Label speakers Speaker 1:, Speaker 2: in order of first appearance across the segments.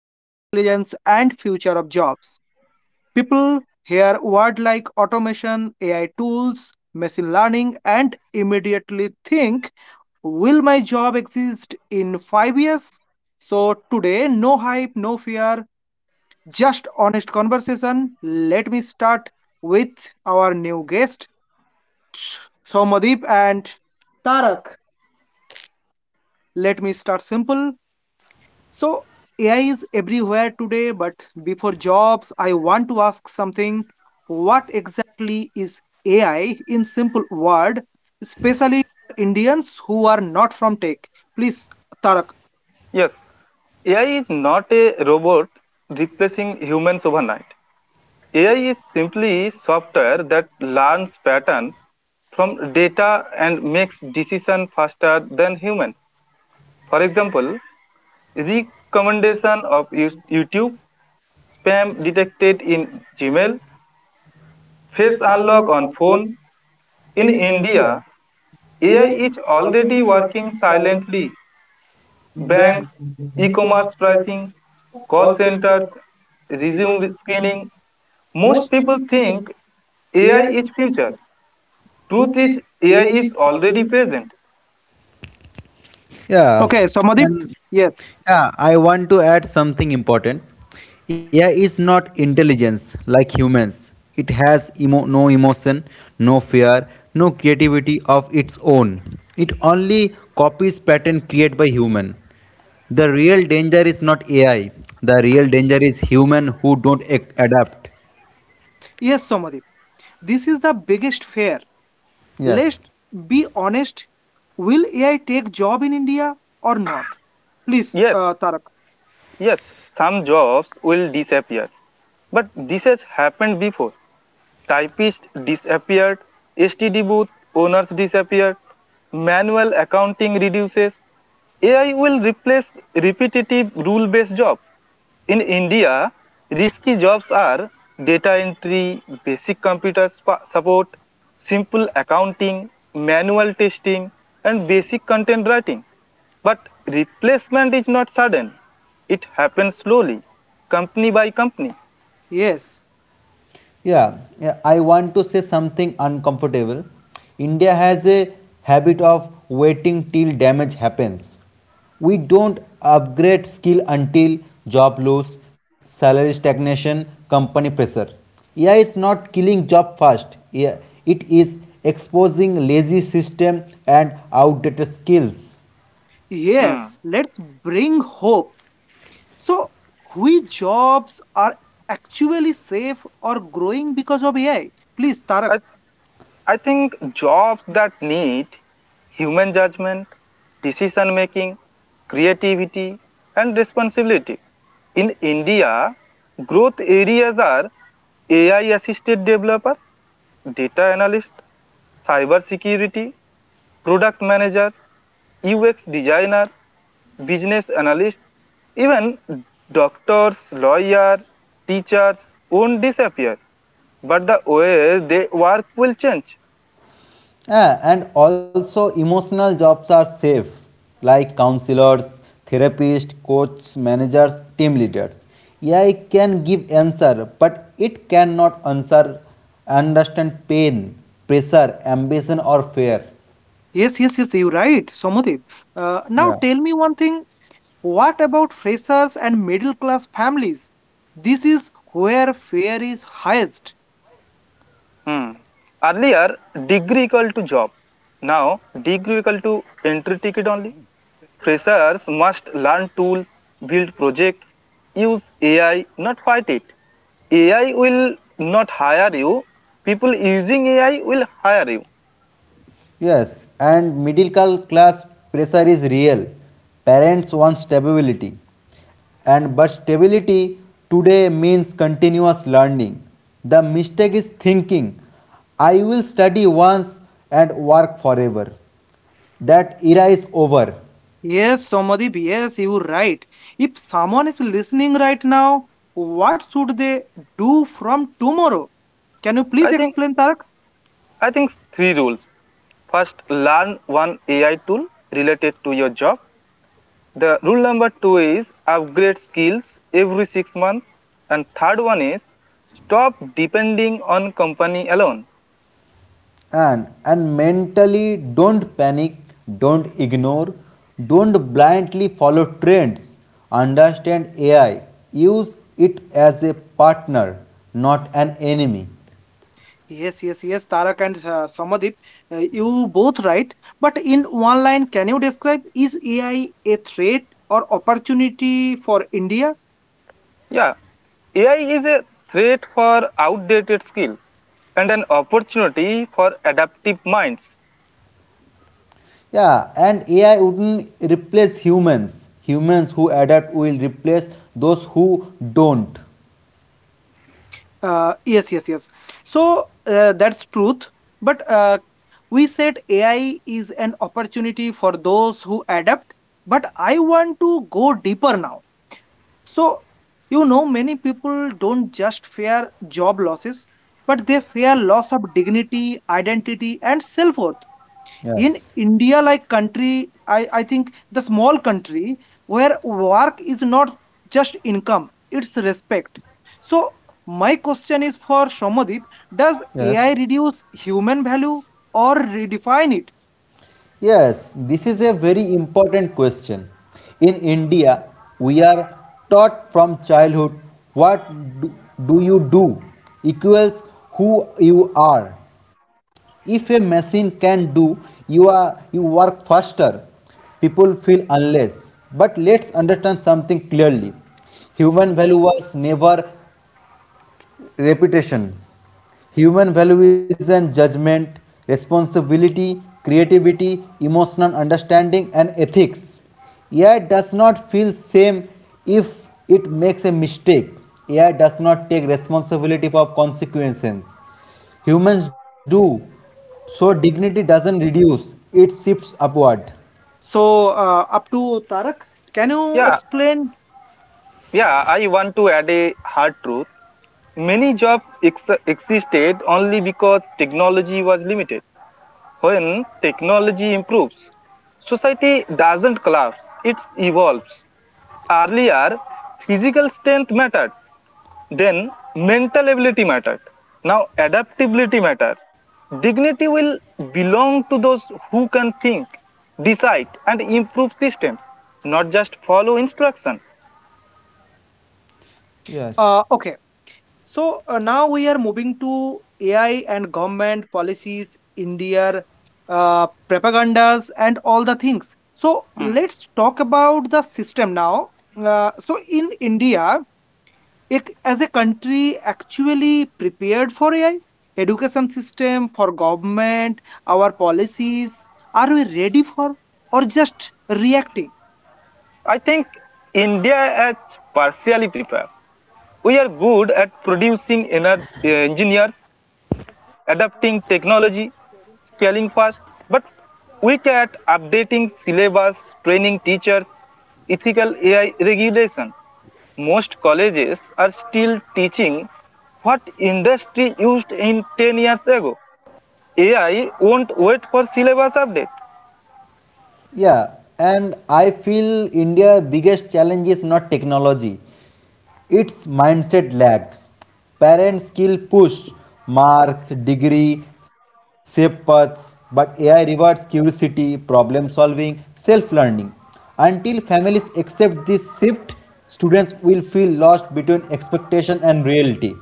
Speaker 1: intelligence and future of jobs. People hear words like automation, AI tools, machine learning, and immediately think, will my job exist in 5 years? So today, no hype, no fear, just honest conversation. Let me start with our new guest. Somadeep and Tarak. Let me start simple. So AI is everywhere today, but before jobs, I want to ask something. What exactly is AI in simple word, especially for Indians who are not from tech? Please, Tarak.
Speaker 2: Yes, AI is not a robot replacing humans overnight. AI is simply software that learns pattern from data and makes decision faster than humans. For example, recommendation of YouTube, spam detected in Gmail, face unlock on phone. In India, AI is already working silently banks, e-commerce pricing, call centers, resume scanning. Most people think AI is future. Truth is AI is already present.
Speaker 3: Yeah,
Speaker 1: Okay, Somadeep.
Speaker 3: and
Speaker 1: Yes.
Speaker 3: yeah, I want to add something important. AI is not intelligence like humans. It has no emotion, no fear, no creativity of its own. It only copies pattern created by human. The real danger is not AI. The real danger is human who don't adapt.
Speaker 1: Yes, Somadeep. This is the biggest fear.
Speaker 3: Yes.
Speaker 1: Let's be honest. Will AI take job in India or not? Please,
Speaker 2: Yes,
Speaker 1: Tarak.
Speaker 2: yes, some jobs will disappear. But this has happened before. Typist disappeared. STD booth owners disappeared. Manual accounting reduces. AI will replace repetitive rule based jobs. In India, risky jobs are data entry, basic computer support, simple accounting, manual testing, and basic content writing. But replacement is not sudden, it happens slowly, company by company.
Speaker 1: Yes,
Speaker 3: Yeah, I want to say something uncomfortable. India has a habit of waiting till damage happens. We don't upgrade skill until job loss, salary stagnation, company pressure. AI is not killing job fast. Yeah, it is exposing lazy system and outdated skills.
Speaker 2: Hmm.
Speaker 1: yes, let's bring hope. So, which jobs are actually safe or growing because of AI? Please, Tarak.
Speaker 2: I, I think jobs that need human judgment, decision making, creativity, and responsibility. In India, growth areas are AI assisted developer, data analyst, cyber security, product manager, UX designer, business analyst, even doctors, lawyers, teachers won't disappear, but the way they work will change.
Speaker 3: Yeah, and also emotional jobs are safe, like counselors, therapists, coaches, managers, team leaders. AI can give answer, but it cannot answer, understand pain, pressure, ambition, or fear.
Speaker 1: Yes, yes, yes, you're right, Somodip. Now
Speaker 3: Yeah.
Speaker 1: tell me one thing. What about freshers and middle class families? This is where fare is highest.
Speaker 2: Hmm. Earlier, degree equal to job. Now, degree equal to entry ticket only.
Speaker 1: Hmm.
Speaker 2: Freshers must learn tools, build projects, use AI, not fight it. AI will not hire you. People using AI will hire you.
Speaker 3: Yes, and middle class pressure is real. Parents want stability. And but stability today means continuous learning. The mistake is thinking I will study once and work forever. That era is over.
Speaker 1: Yes, Somadip, yes, you're right. If someone is listening right now, what should they do from tomorrow? Can you
Speaker 2: I
Speaker 1: please
Speaker 2: think
Speaker 1: explain, Tarak?
Speaker 2: I think 3 rules. First, learn one AI tool related to your job. The rule number two is upgrade skills every 6 months, and third one is stop depending on company alone.
Speaker 3: And mentally, don't panic, don't ignore, don't blindly follow trends. Understand AI, use it as a partner, not an enemy.
Speaker 1: Yes, yes, yes, Tarak and Samadip, you both right. But in one line, can you describe is AI a threat or opportunity for India?
Speaker 2: Yeah, AI is a threat for outdated skill and an opportunity for adaptive minds.
Speaker 3: Yeah, and AI wouldn't replace humans. Humans who adapt will replace those who don't.
Speaker 1: Yes, yes, yes. So that's truth. But we said AI is an opportunity for those who adapt. But I want to go deeper now. So, many people don't just fear job losses, but they fear loss of dignity, identity, and self worth in
Speaker 3: Yes.
Speaker 1: india like country I think the small country where work is not just income, it's respect. So, my question is for shomadip, does ai
Speaker 3: Yes.
Speaker 1: reduce human value or redefine it?
Speaker 3: Yes, this is a very important question. In India, we are taught from childhood what do, do you do equals who you are. If a machine can do, you are you work faster. People feel unless. But let's understand something clearly. Human value was never reputation. Human values and judgment, responsibility, creativity, emotional understanding and ethics. AI does not feel same if it makes a mistake. AI does not take responsibility for consequences. Humans do. So dignity doesn't reduce, it shifts upward.
Speaker 1: So up to tarak, can you
Speaker 2: Yeah,
Speaker 1: explain
Speaker 2: yeah, I want to add a hard truth. Many jobs existed only because technology was limited. When technology improves, society doesn't collapse, it evolves. Earlier, physical strength mattered, then mental ability mattered. Now, adaptability matters. Dignity will belong to those who can think, decide, and improve systems, not just follow instruction.
Speaker 3: Yes.
Speaker 1: okay. So now we are moving to AI and government policies, India, propagandas, and all the things. So
Speaker 2: Mm.
Speaker 1: let's talk about the system now. So in India, it, as a country, actually prepared for AI, education system for government, our policies. Are we ready for or just reacting?
Speaker 2: I think India has partially prepared. We are good at producing engineers, adapting technology, scaling fast, but weak at updating syllabus, training teachers, ethical AI regulation. Most colleges are still teaching what industry used in 10 years ago. AI won't wait for syllabus update.
Speaker 3: Yeah, and I feel India's biggest challenge is not technology. It's mindset lag. Parents still push marks, degree, shape paths, but AI rewards curiosity, problem solving, self learning. Until families accept this shift, students will feel lost between expectation and reality.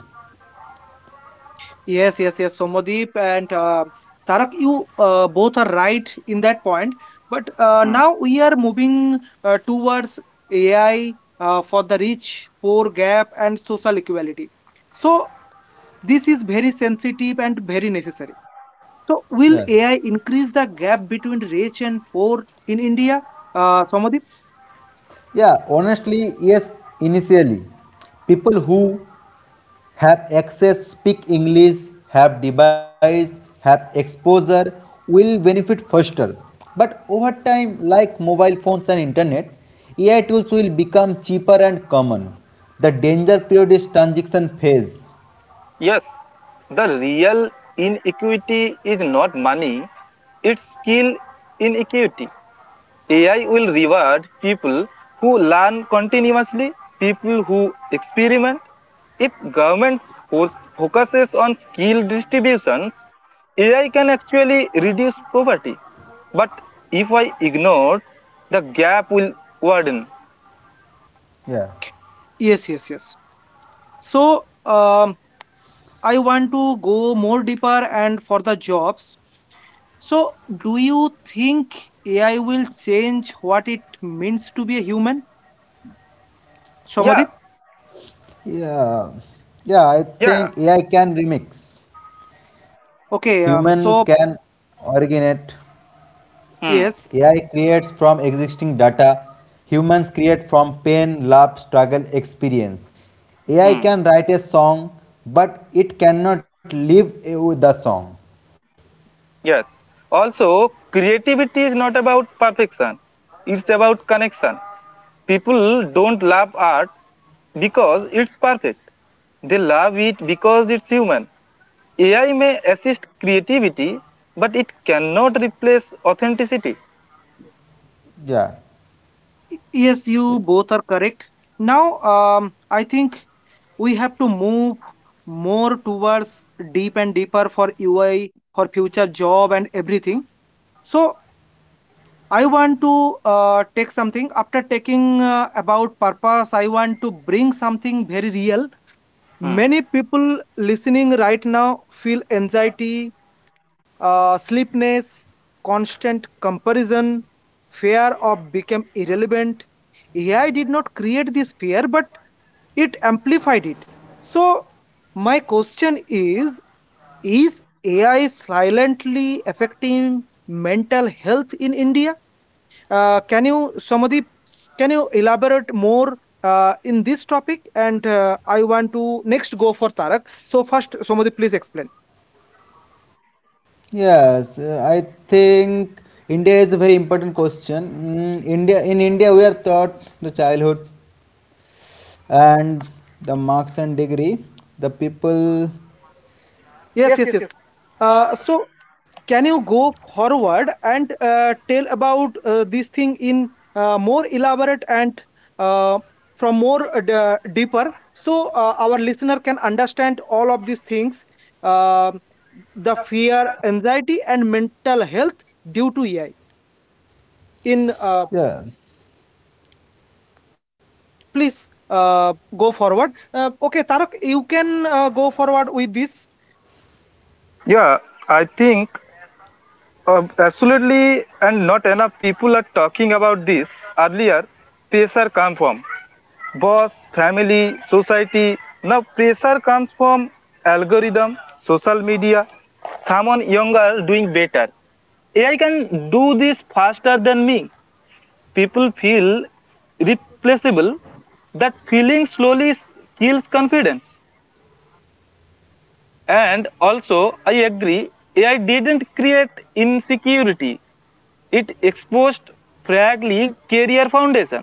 Speaker 1: Yes, yes, yes. Somadeep and Tarak, you both are right in that point. But
Speaker 2: Hmm.
Speaker 1: now we are moving towards AI for the rich, poor gap, and social equality. So this is very sensitive and very necessary. So
Speaker 3: Yes.
Speaker 1: will AI increase the gap between rich and poor in India, Somadeep?
Speaker 3: Yeah, honestly, yes, initially. People who have access, speak English, have device, have exposure will benefit faster. But over time, like mobile phones and internet, AI tools will become cheaper and common. The danger period is transition phase.
Speaker 2: Yes, the real inequity is not money, it's skill inequity. AI will reward people who learn continuously, people who experiment. If government focuses on skill distributions, AI can actually reduce poverty. But if I ignore, the gap will widen.
Speaker 3: Yeah.
Speaker 1: Yes, yes, yes. So I want to go more deeper and for the jobs. So, do you think AI will change what it means to be a human? Shomadip?
Speaker 2: Yeah,
Speaker 3: Yeah. Yeah, I think
Speaker 2: yeah.
Speaker 3: AI can remix. Human
Speaker 1: Okay,
Speaker 3: can
Speaker 1: so
Speaker 3: originate.
Speaker 2: Hmm.
Speaker 3: AI
Speaker 1: yes,
Speaker 3: creates from existing data, humans create from pain, love, struggle, experience. AI
Speaker 2: Hmm.
Speaker 3: can write a song, but it cannot live with the song.
Speaker 2: Yes. Also, creativity is not about perfection, it's about connection. People don't love art because it's perfect, they love it because it's human. AI may assist creativity, but it cannot replace authenticity.
Speaker 3: Yeah.
Speaker 1: yes, you both are correct. Now, I think we have to move more towards deep and deeper for UI for future job and everything. So I want to take something after taking about purpose. I want to bring something very real.
Speaker 2: Hmm.
Speaker 1: Many people listening right now feel anxiety, sleepness, constant comparison, fear of become irrelevant. AI did not create this fear, but it amplified it. So, my question is AI silently affecting mental health in India? Can you, Samadip, can you elaborate more in this topic? And I want to next go for Tarak. So, first, Samadip, please explain.
Speaker 3: Yes, I think India is a very important question. India, in India we are taught the childhood and the marks and degree. The people,
Speaker 1: Yes,
Speaker 2: Yes,
Speaker 1: yes,
Speaker 2: yes, yes.
Speaker 1: yes. So, can you go forward and tell about this thing in more elaborate and uh, from more deeper, so our listener can understand all of these things, uh, the fear anxiety and mental health due to ai in
Speaker 3: yeah,
Speaker 1: please go forward okay tarak, you can go forward with
Speaker 2: Yeah, I think absolutely, and not enough people are talking about this earlier. Pressure come from boss, family, society. Now pressure comes from algorithm, social media, someone younger doing better. AI can do this faster than me. People feel
Speaker 1: this
Speaker 2: replaceable. That
Speaker 1: that even
Speaker 2: feeling slowly kills
Speaker 1: these functions
Speaker 2: confidence.
Speaker 1: were
Speaker 2: And
Speaker 1: also
Speaker 2: also, I
Speaker 1: understood
Speaker 2: agree, AI
Speaker 1: was even
Speaker 2: didn't create
Speaker 1: with
Speaker 2: insecurity. It
Speaker 1: this for
Speaker 2: exposed fragile career foundation.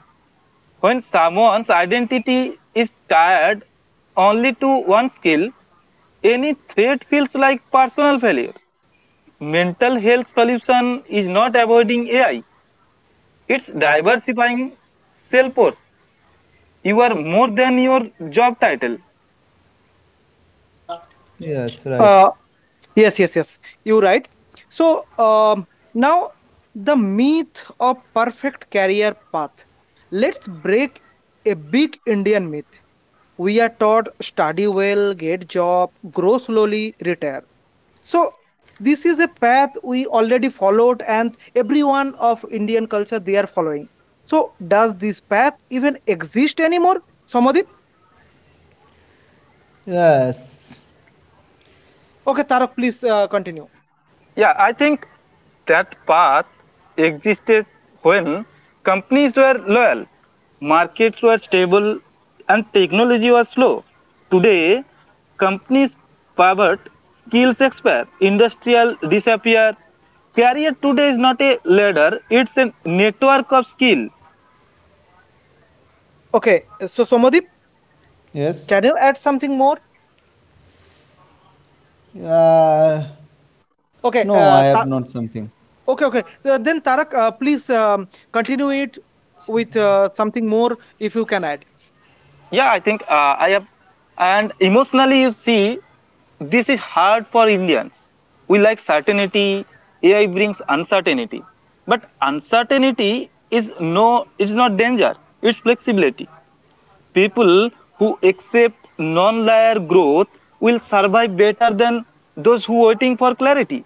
Speaker 2: When someone's identity is tied only to one skill, any threat
Speaker 1: fixed
Speaker 2: feels like
Speaker 1: particular
Speaker 2: personal
Speaker 1: value.
Speaker 2: failure. Mental health solution is not avoiding AI. It's diversifying self-worth. You are more than your job title.
Speaker 3: yes, right,
Speaker 1: Uh, yes, yes, yes. You're right. So now the myth of perfect career path. Let's break a big Indian myth. We are taught study well, get job, grow slowly, retire. So this is a path we already followed and everyone of indian culture they are following. So does this path even exist anymore, somadip?
Speaker 3: yes,
Speaker 1: Okay, tarak, please continue.
Speaker 2: Yeah, I think that path existed when companies were loyal, markets were stable, and technology was slow. Today, companies pivot, skills expire, industrial disappear. Career today is not a ladder, it's a network of skill.
Speaker 1: Okay, so somadip,
Speaker 3: yes.
Speaker 1: can you add something more?
Speaker 3: Uh, no,
Speaker 1: Okay
Speaker 3: I have not something.
Speaker 1: Okay, okay. Then tarak, please continue it with something more if you can add.
Speaker 2: Yeah, I think I have and emotionally you see, this is hard for Indians. We like certainty. AI brings uncertainty, but uncertainty is it's not danger, it's flexibility. People who accept non-linear growth will survive better than those who waiting for clarity.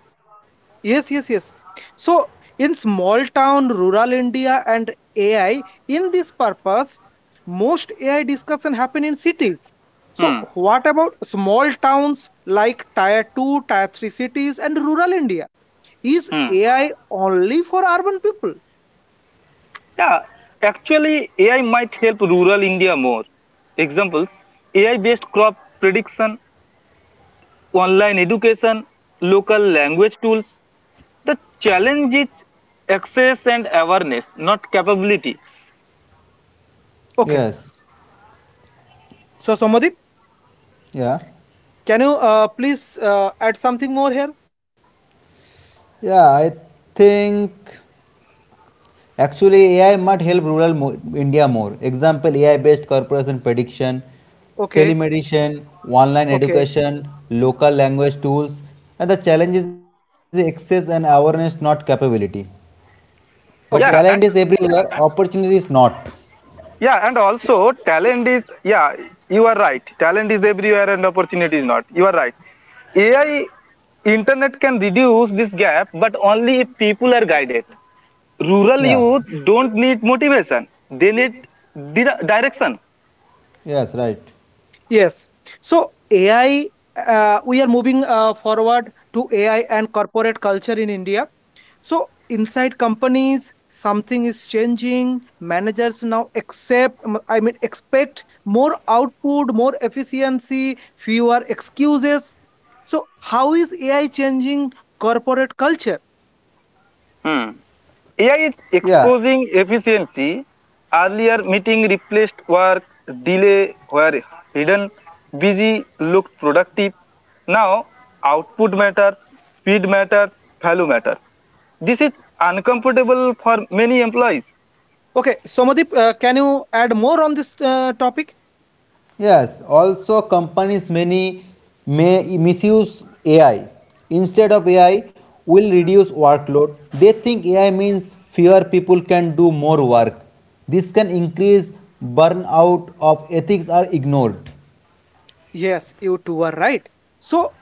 Speaker 1: Yes, yes, yes. So in small town, rural India and AI, in this purpose, most AI discussion happen in cities. So
Speaker 2: hmm.
Speaker 1: what about small towns like tier 2, tier 3 cities and rural India? Is
Speaker 2: Hmm.
Speaker 1: AI only for urban people?
Speaker 2: Yeah, actually AI might help rural India more. Examples, AI based crop prediction, online education, local language tools. The challenge is access and awareness, not capability.
Speaker 1: Okay.
Speaker 3: Yes.
Speaker 1: So Somadip,
Speaker 3: Yeah.
Speaker 1: can you, please, add something more here?
Speaker 3: Yeah, I think actually AI might help India more. Example, AI-based corporation prediction,
Speaker 1: Okay,
Speaker 3: telemedicine, online
Speaker 1: okay,
Speaker 3: education, local language tools, and the challenge is the access and awareness, not capability. But
Speaker 1: okay.
Speaker 3: talent is
Speaker 2: Yeah, and
Speaker 3: everywhere, opportunity is not.
Speaker 2: yeah, and also talent is, yeah, you are right. Talent is everywhere and opportunity is not. You are right. AI internet can reduce this gap, but only if people are guided.
Speaker 3: Yeah.
Speaker 2: Rural youth don't need motivation; they need direction.
Speaker 3: Yes, right.
Speaker 1: Yes. So AI, we are moving forward to AI and corporate culture in India. So inside companies, something is changing. Managers now accept, I mean, expect more output, more efficiency, fewer excuses. So how is AI changing corporate culture?
Speaker 2: Hmm. AI is
Speaker 3: Yeah,
Speaker 2: exposing efficiency. Earlier meeting replaced work, delay were hidden, busy looked productive. Now output matters, speed matters, value matters. This is uncomfortable for many employees.
Speaker 1: Okay, Somadip, can you add more on this topic?
Speaker 3: yes, also companies many may misuse AI. Instead of AI, will reduce workload. They think AI means fewer people can do more work. This can increase burnout of ethics are ignored.
Speaker 1: Yes, you two are right. So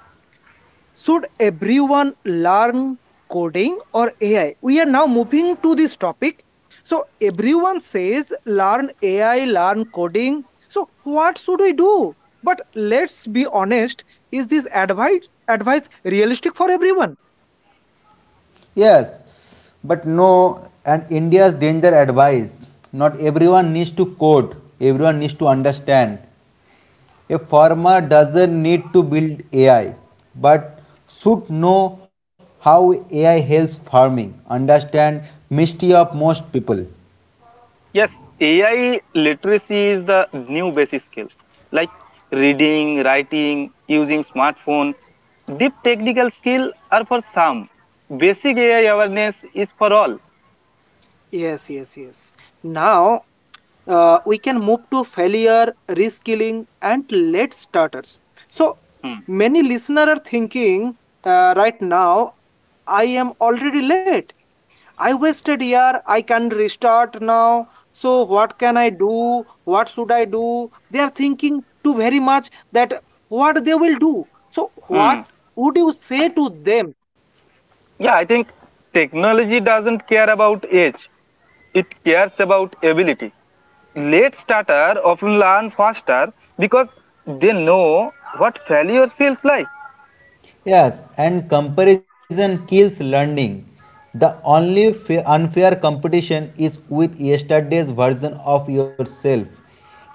Speaker 1: should everyone learn coding or AI? We are now moving to this topic. So, everyone says learn AI, learn coding. So, what should we do? But let's be honest, is this advice realistic for everyone?
Speaker 3: Yes, but no, and India's danger advice. Not everyone needs to code, everyone needs to understand. A farmer doesn't need to build AI, but should know how AI helps farming, understand mystery of most people.
Speaker 2: Yes, AI literacy is the new basic skill, like reading, writing, using smartphones. Deep technical skill are for some. Basic AI awareness is for all.
Speaker 1: Yes, yes, yes. Now we can move to failure, reskilling, and late starters. So
Speaker 2: Hmm.
Speaker 1: many listener are thinking right now, I am already late. I wasted year. I can restart now. So what can I do? What should I do? They are thinking too very much that what they will do. So what
Speaker 2: Hmm.
Speaker 1: would you say to them?
Speaker 2: Yeah, I think technology doesn't care about age. It cares about ability. Late starter often learn faster because they know what failure feels like.
Speaker 3: Yes, and comparison kills learning. The only unfair competition is with yesterday's version of yourself.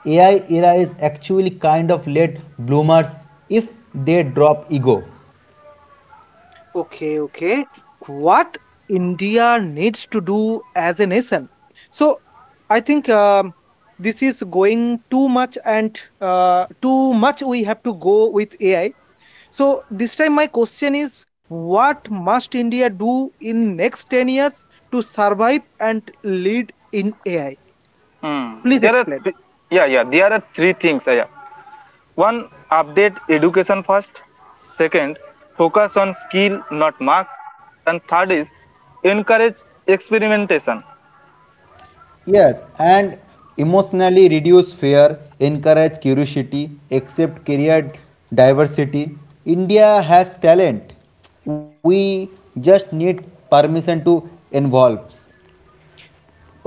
Speaker 3: AI era is actually kind of late bloomers if they drop ego.
Speaker 1: Okay, okay. What India needs to do as a nation. So I think this is going too much and too much we have to go with AI. So this time my question is what must India do in next 10 years to survive and lead in AI?
Speaker 2: Hmm.
Speaker 1: Please
Speaker 2: There are
Speaker 1: explain.
Speaker 2: th- yeah, yeah, there are 3 things. Yeah. Yeah. One, update education first. Second, focus on skill, not marks. And third is encourage experimentation.
Speaker 3: Yes, and emotionally reduce fear, encourage curiosity, accept career diversity. India has talent. We just need permission to involve.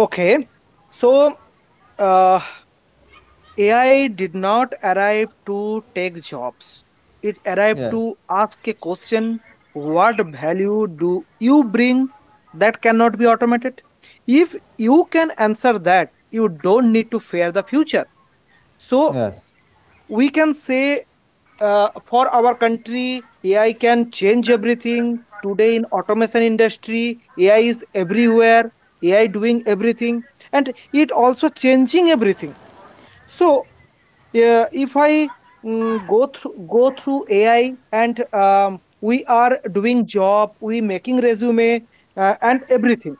Speaker 1: Okay. So uh, AI did not arrive to take jobs. It arrived to
Speaker 3: Yes,
Speaker 1: ask a question. What value do you bring that cannot be automated? If you can answer that, you don't need to fear the future. So,
Speaker 3: yes,
Speaker 1: we can say for our country, AI can change everything. Today, in automation industry, AI is everywhere. AI doing everything, and it also changing everything. So yeah, if I go through AI and we are doing job, we making resume and everything.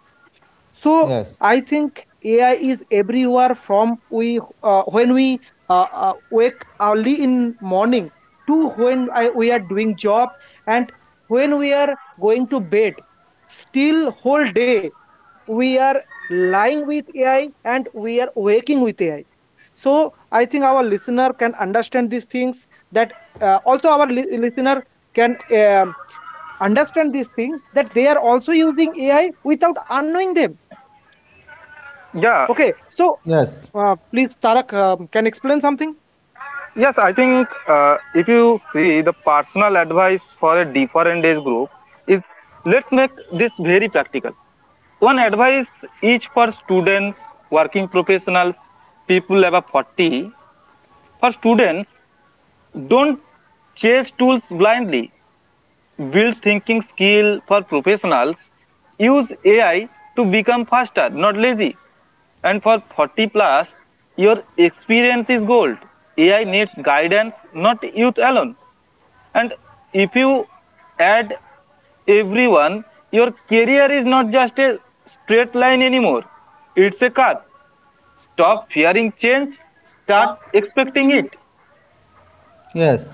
Speaker 1: So
Speaker 3: yes,
Speaker 1: I think AI is everywhere from we when we wake early in morning to when I, we are doing job and when we are going to bed. Still whole day we are lying with AI and we are waking with AI. So I think our listener can understand these things that also our listener can understand this thing that they are also using ai without unknowing them,
Speaker 2: Yeah,
Speaker 1: okay? So
Speaker 3: yes,
Speaker 1: please tarak, can explain something.
Speaker 2: yes, I think if you see the personal advice for a different age group is, let's make this very practical. One advice each for students, working professionals, people above 40. For students, don't chase tools blindly, build thinking skill. For professionals, use AI to become faster, not lazy. And for 40 plus, your experience is gold. AI needs guidance, not youth alone. And if you add everyone, your career is not just a straight line anymore, it's a curve. Stop fearing change, start expecting it.
Speaker 3: yes,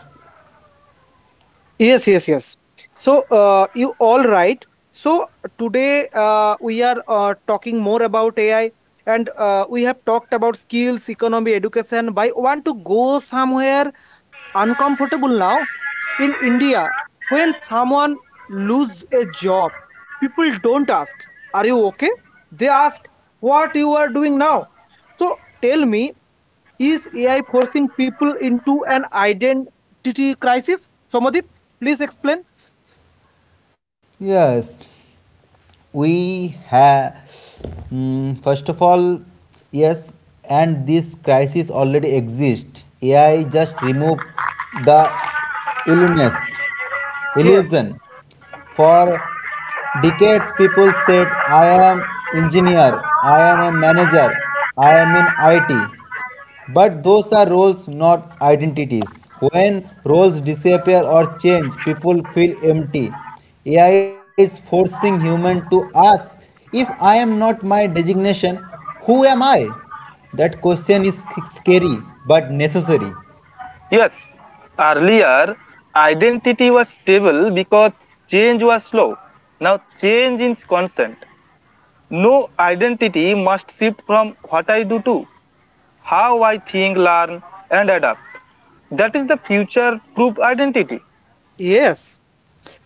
Speaker 1: Yes, yes, yes. So you all right. So today we are talking more about ai and we have talked about skills economy education, but I want to go somewhere uncomfortable now. In India, when someone loses a job, people don't ask, "Are you okay?" They ask, "What you are doing now?" So tell me, is AI forcing people into an identity crisis? Somadip, please explain.
Speaker 3: yes. We have, first of all, yes, and this crisis already exists. AI just remove the illness.
Speaker 1: Yes.
Speaker 3: Illusion. For decades, people said, "I am engineer, I am a manager, I am in IT." But those are roles, not identities. When roles disappear or change, people feel empty. AI is forcing human to ask, "If I am not my designation, who am I?" That question is scary but necessary.
Speaker 2: Yes, earlier identity was stable because change was slow. Now change is constant. No, identity must shift from what I do to how I think, learn, and adapt. That is the future proof identity.
Speaker 1: Yes.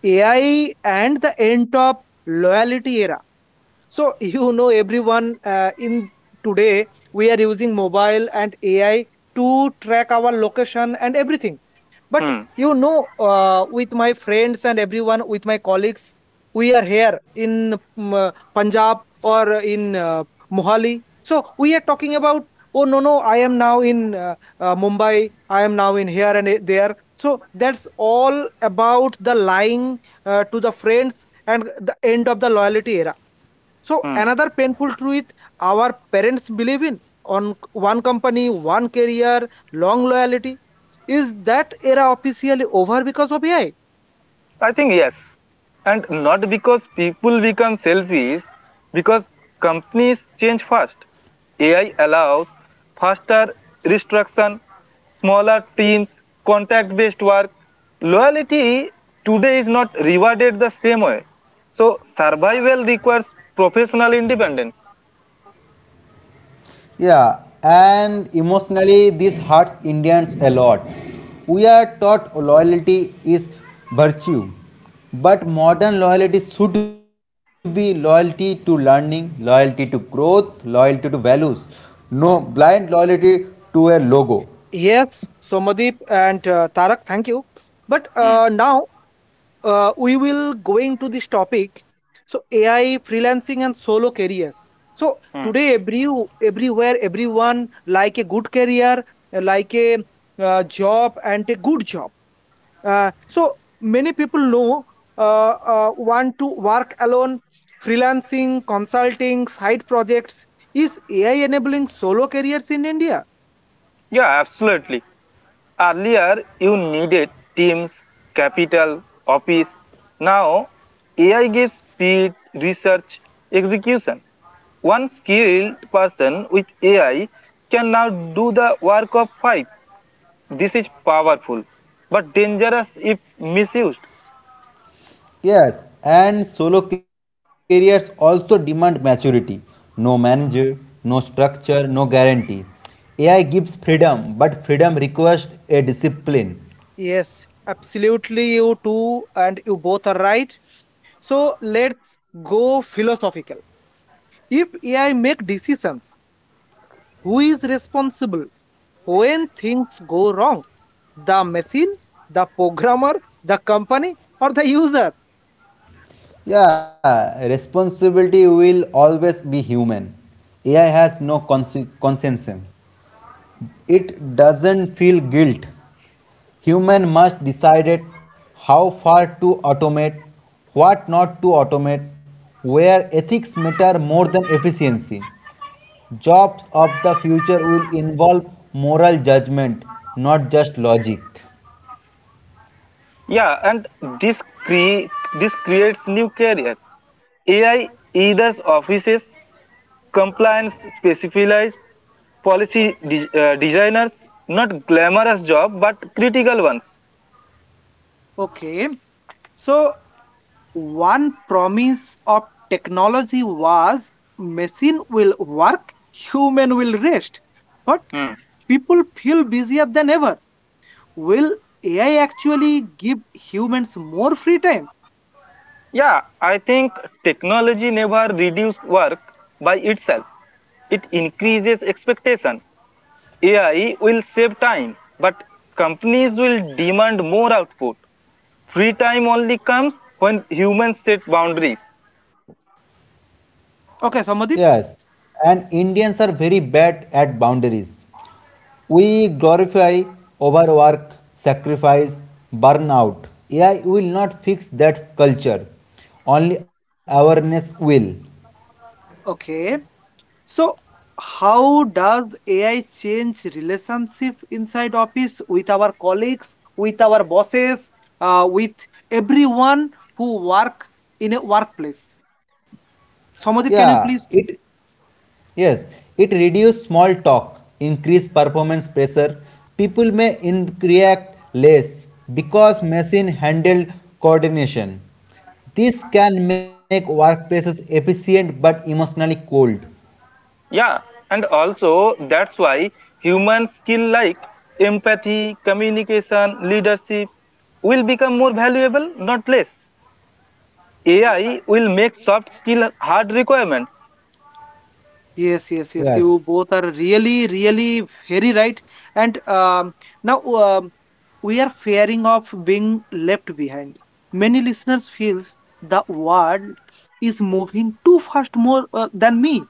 Speaker 1: AI and the end of loyalty era. So everyone in today we are using mobile and AI to track our location and everything. But
Speaker 2: Hmm.
Speaker 1: with my friends and everyone with my colleagues, we are here in Punjab or in Mohali. So we are talking about, oh, no, no, I am now in Mumbai, I am now in here and there. So that's all about the lying to the friends and the end of the loyalty era. So
Speaker 2: Hmm.
Speaker 1: another painful truth, our parents believe in on one company, one career, long loyalty. Is that era officially over because of AI?
Speaker 2: I think yes. And not because people become selfish, because companies change fast. AI allows faster restructuring, smaller teams, contact based work. Loyalty today is not rewarded the same way. So, survival requires professional independence.
Speaker 3: Yeah, and emotionally, this hurts Indians a lot. We are taught loyalty is virtue, but modern loyalty should be loyalty to learning, loyalty to growth, loyalty to values, no blind loyalty to a logo.
Speaker 1: Yes, Somadeep and Tarak, thank you. But
Speaker 2: Hmm.
Speaker 1: now we will going to this topic. So ai freelancing and solo careers. So
Speaker 2: Hmm.
Speaker 1: today everywhere everyone like a good career, like a job and a good job, so many people know uh, want to work alone, freelancing, consulting, side projects. Is AI enabling solo careers in India?
Speaker 2: Yeah, absolutely. Earlier you needed teams, capital, office. Now AI gives speed, research, execution. One skilled person with AI can now do the work of five. This is powerful, but dangerous if misused.
Speaker 3: Yes, and solo careers also demand maturity. No manager, no structure, no guarantee. AI gives freedom, but freedom requires a discipline.
Speaker 1: Yes, absolutely. You too, and you both are right. So let's go philosophical. If AI make decisions, who is responsible when things go wrong? The machine, the programmer, the company, or the user?
Speaker 3: Yeah, responsibility will always be human. AI has no conscience. It doesn't feel guilt. Human must decide how far to automate, what not to automate, where ethics matter more than efficiency. Jobs of the future will involve moral judgment, not just logic.
Speaker 2: Yeah, and this cre- this creates new careers. AI either offices compliance specialized policy designers, not glamorous job but critical ones.
Speaker 1: Okay, so one promise of technology was machine will work, human will rest. But
Speaker 2: Hmm.
Speaker 1: people feel busier than ever. Will AI actually give humans more free time?
Speaker 2: Yeah, I think technology never reduce work by itself, it increases expectation. AI will save time, but companies will demand more output. Free time only comes when humans set boundaries.
Speaker 1: Okay, Samadip.
Speaker 3: Yes, and Indians are very bad at boundaries. We glorify overwork, sacrifice, burnout. AI will not fix that culture. Only awareness will.
Speaker 1: Okay. So, how does AI change relationship inside office with our colleagues, with our bosses, with everyone who work in a workplace? Somadip, can you
Speaker 3: Yeah,
Speaker 1: please?
Speaker 3: it yes, it reduces small talk, increase performance pressure. People may react less because machine handle coordination. This can make workplaces efficient but emotionally cold.
Speaker 2: Yeah, and also that's why human skill like empathy, communication, leadership will become more valuable, not less. AI will make soft skill hard requirements.
Speaker 1: Yes, yes, yes.
Speaker 3: Yes.
Speaker 1: You both are really, really very right. And now, we are fearing of being left behind. Many listeners feels the world is moving too fast more than me.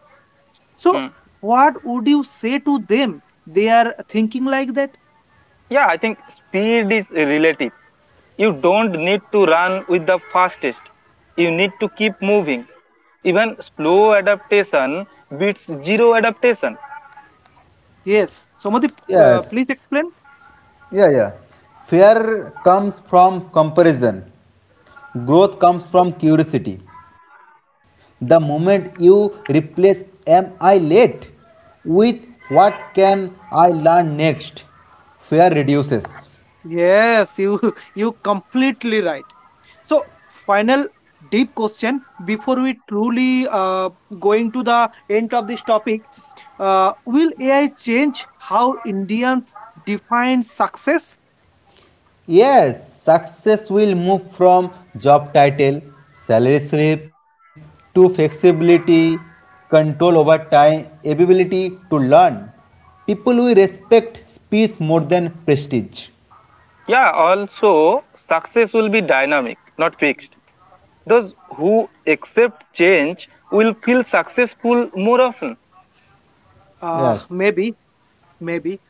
Speaker 1: So
Speaker 2: Hmm.
Speaker 1: what would you say to them? They are thinking like that.
Speaker 2: Yeah, I think speed is relative. You don't need to run with the fastest. You need to keep moving. Even slow adaptation beats zero adaptation.
Speaker 1: Yes, somebody, please
Speaker 3: Yes.
Speaker 1: explain.
Speaker 3: Yeah. Fear comes from comparison. Growth comes from curiosity. The moment you replace am I late with what can I learn next, fear reduces.
Speaker 1: Yes, you you completely right. So final deep question before we truly going to the end of this topic. Will AI change how Indians define success?
Speaker 3: Yes, success will move from job title, salary slip to flexibility, control over time, ability to learn. People will respect peace more than prestige.
Speaker 2: Yeah, also success will be dynamic, not fixed. Those who accept change will feel successful more often.
Speaker 3: Yes,
Speaker 1: Maybe, maybe.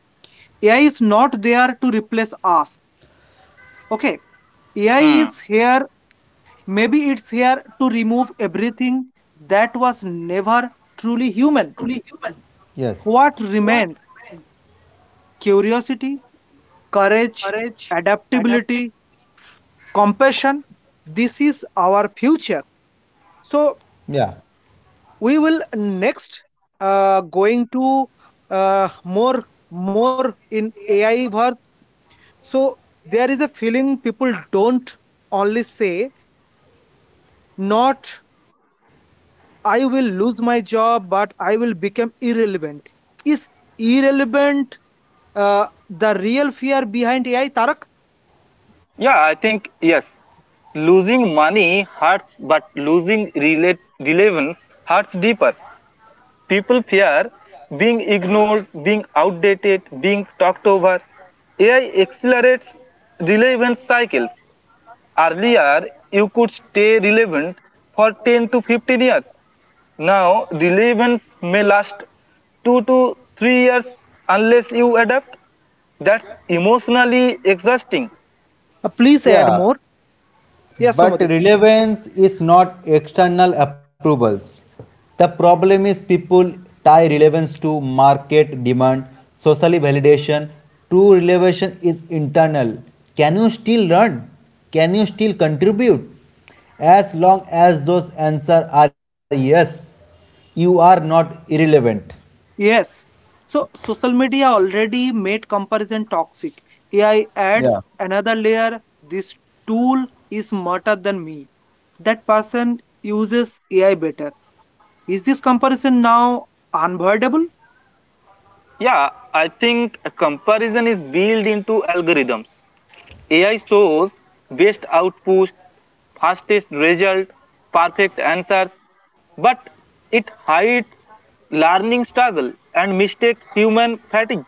Speaker 1: AI is not there to replace us. Okay. AI is
Speaker 2: Hmm.
Speaker 1: here, maybe it's here to remove everything that was never truly human.
Speaker 3: yes,
Speaker 1: What remains? Curiosity, courage, adaptability, compassion. This is our future. So
Speaker 3: yeah,
Speaker 1: we will next going to more in AI verse. So there is a feeling people don't only say not I will lose my job, but I will become irrelevant. Is irrelevant the real fear behind AI, Tarak?
Speaker 2: Yeah, I think yes. Losing money hurts, but losing relevance hurts deeper. People fear being ignored, being outdated, being talked over. AI accelerates relevance cycles. Earlier, you could stay relevant for 10 to 15 years. Now, relevance may last 2 to 3 years unless you adapt. That's emotionally exhausting.
Speaker 1: Please add
Speaker 3: yeah.
Speaker 1: more. Yes,
Speaker 3: But
Speaker 1: Somodip.
Speaker 3: relevance is not external approvals. The problem is people tie relevance to market demand, social validation. True relevation is internal. Can you still learn? Can you still contribute? As long as those answers are yes, you are not irrelevant.
Speaker 1: Yes. So social media already made comparison toxic. AI
Speaker 3: Yeah.
Speaker 1: adds another layer. This tool is smarter than me. That person uses AI better. Is this comparison now unavoidable?
Speaker 2: Yeah, I think a comparison is built into algorithms. AI shows best output, fastest result, perfect answers, but it hides learning struggle and mistake human fatigue.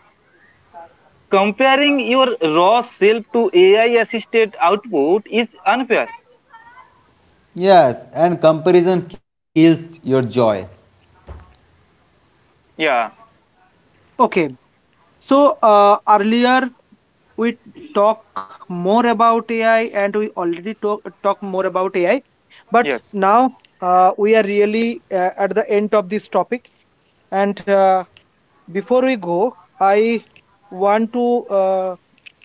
Speaker 2: Comparing your raw self to AI assisted output is unfair.
Speaker 3: Yes, and comparison kills your joy.
Speaker 2: Yeah,
Speaker 1: Okay, so earlier we talk more about AI and we already talk more about AI. But
Speaker 2: yes,
Speaker 1: now we are really at the end of this topic. And before we go, I want to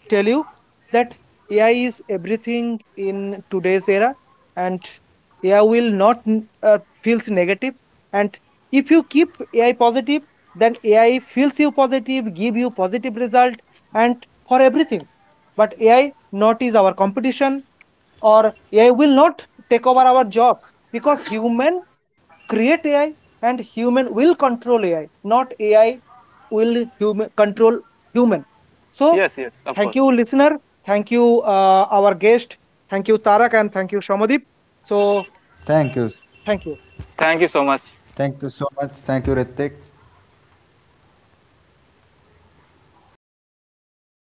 Speaker 1: tell you that AI is everything in today's era, and AI will not feels negative. And if you keep AI positive, then AI feels you positive, give you positive result, and for everything. But AI not is our competition or AI will not take over our jobs because human create AI and human will control AI, not AI will human control human. So
Speaker 2: yes, yes, of
Speaker 1: thank
Speaker 2: course.
Speaker 1: you, listener. Thank you, our guest. Thank you, Tarak, and thank you, Shamadip. So
Speaker 3: Thank you.
Speaker 1: thank you.
Speaker 2: Thank you so
Speaker 3: Thank you
Speaker 2: much.
Speaker 3: so much. Thank you, Ritik.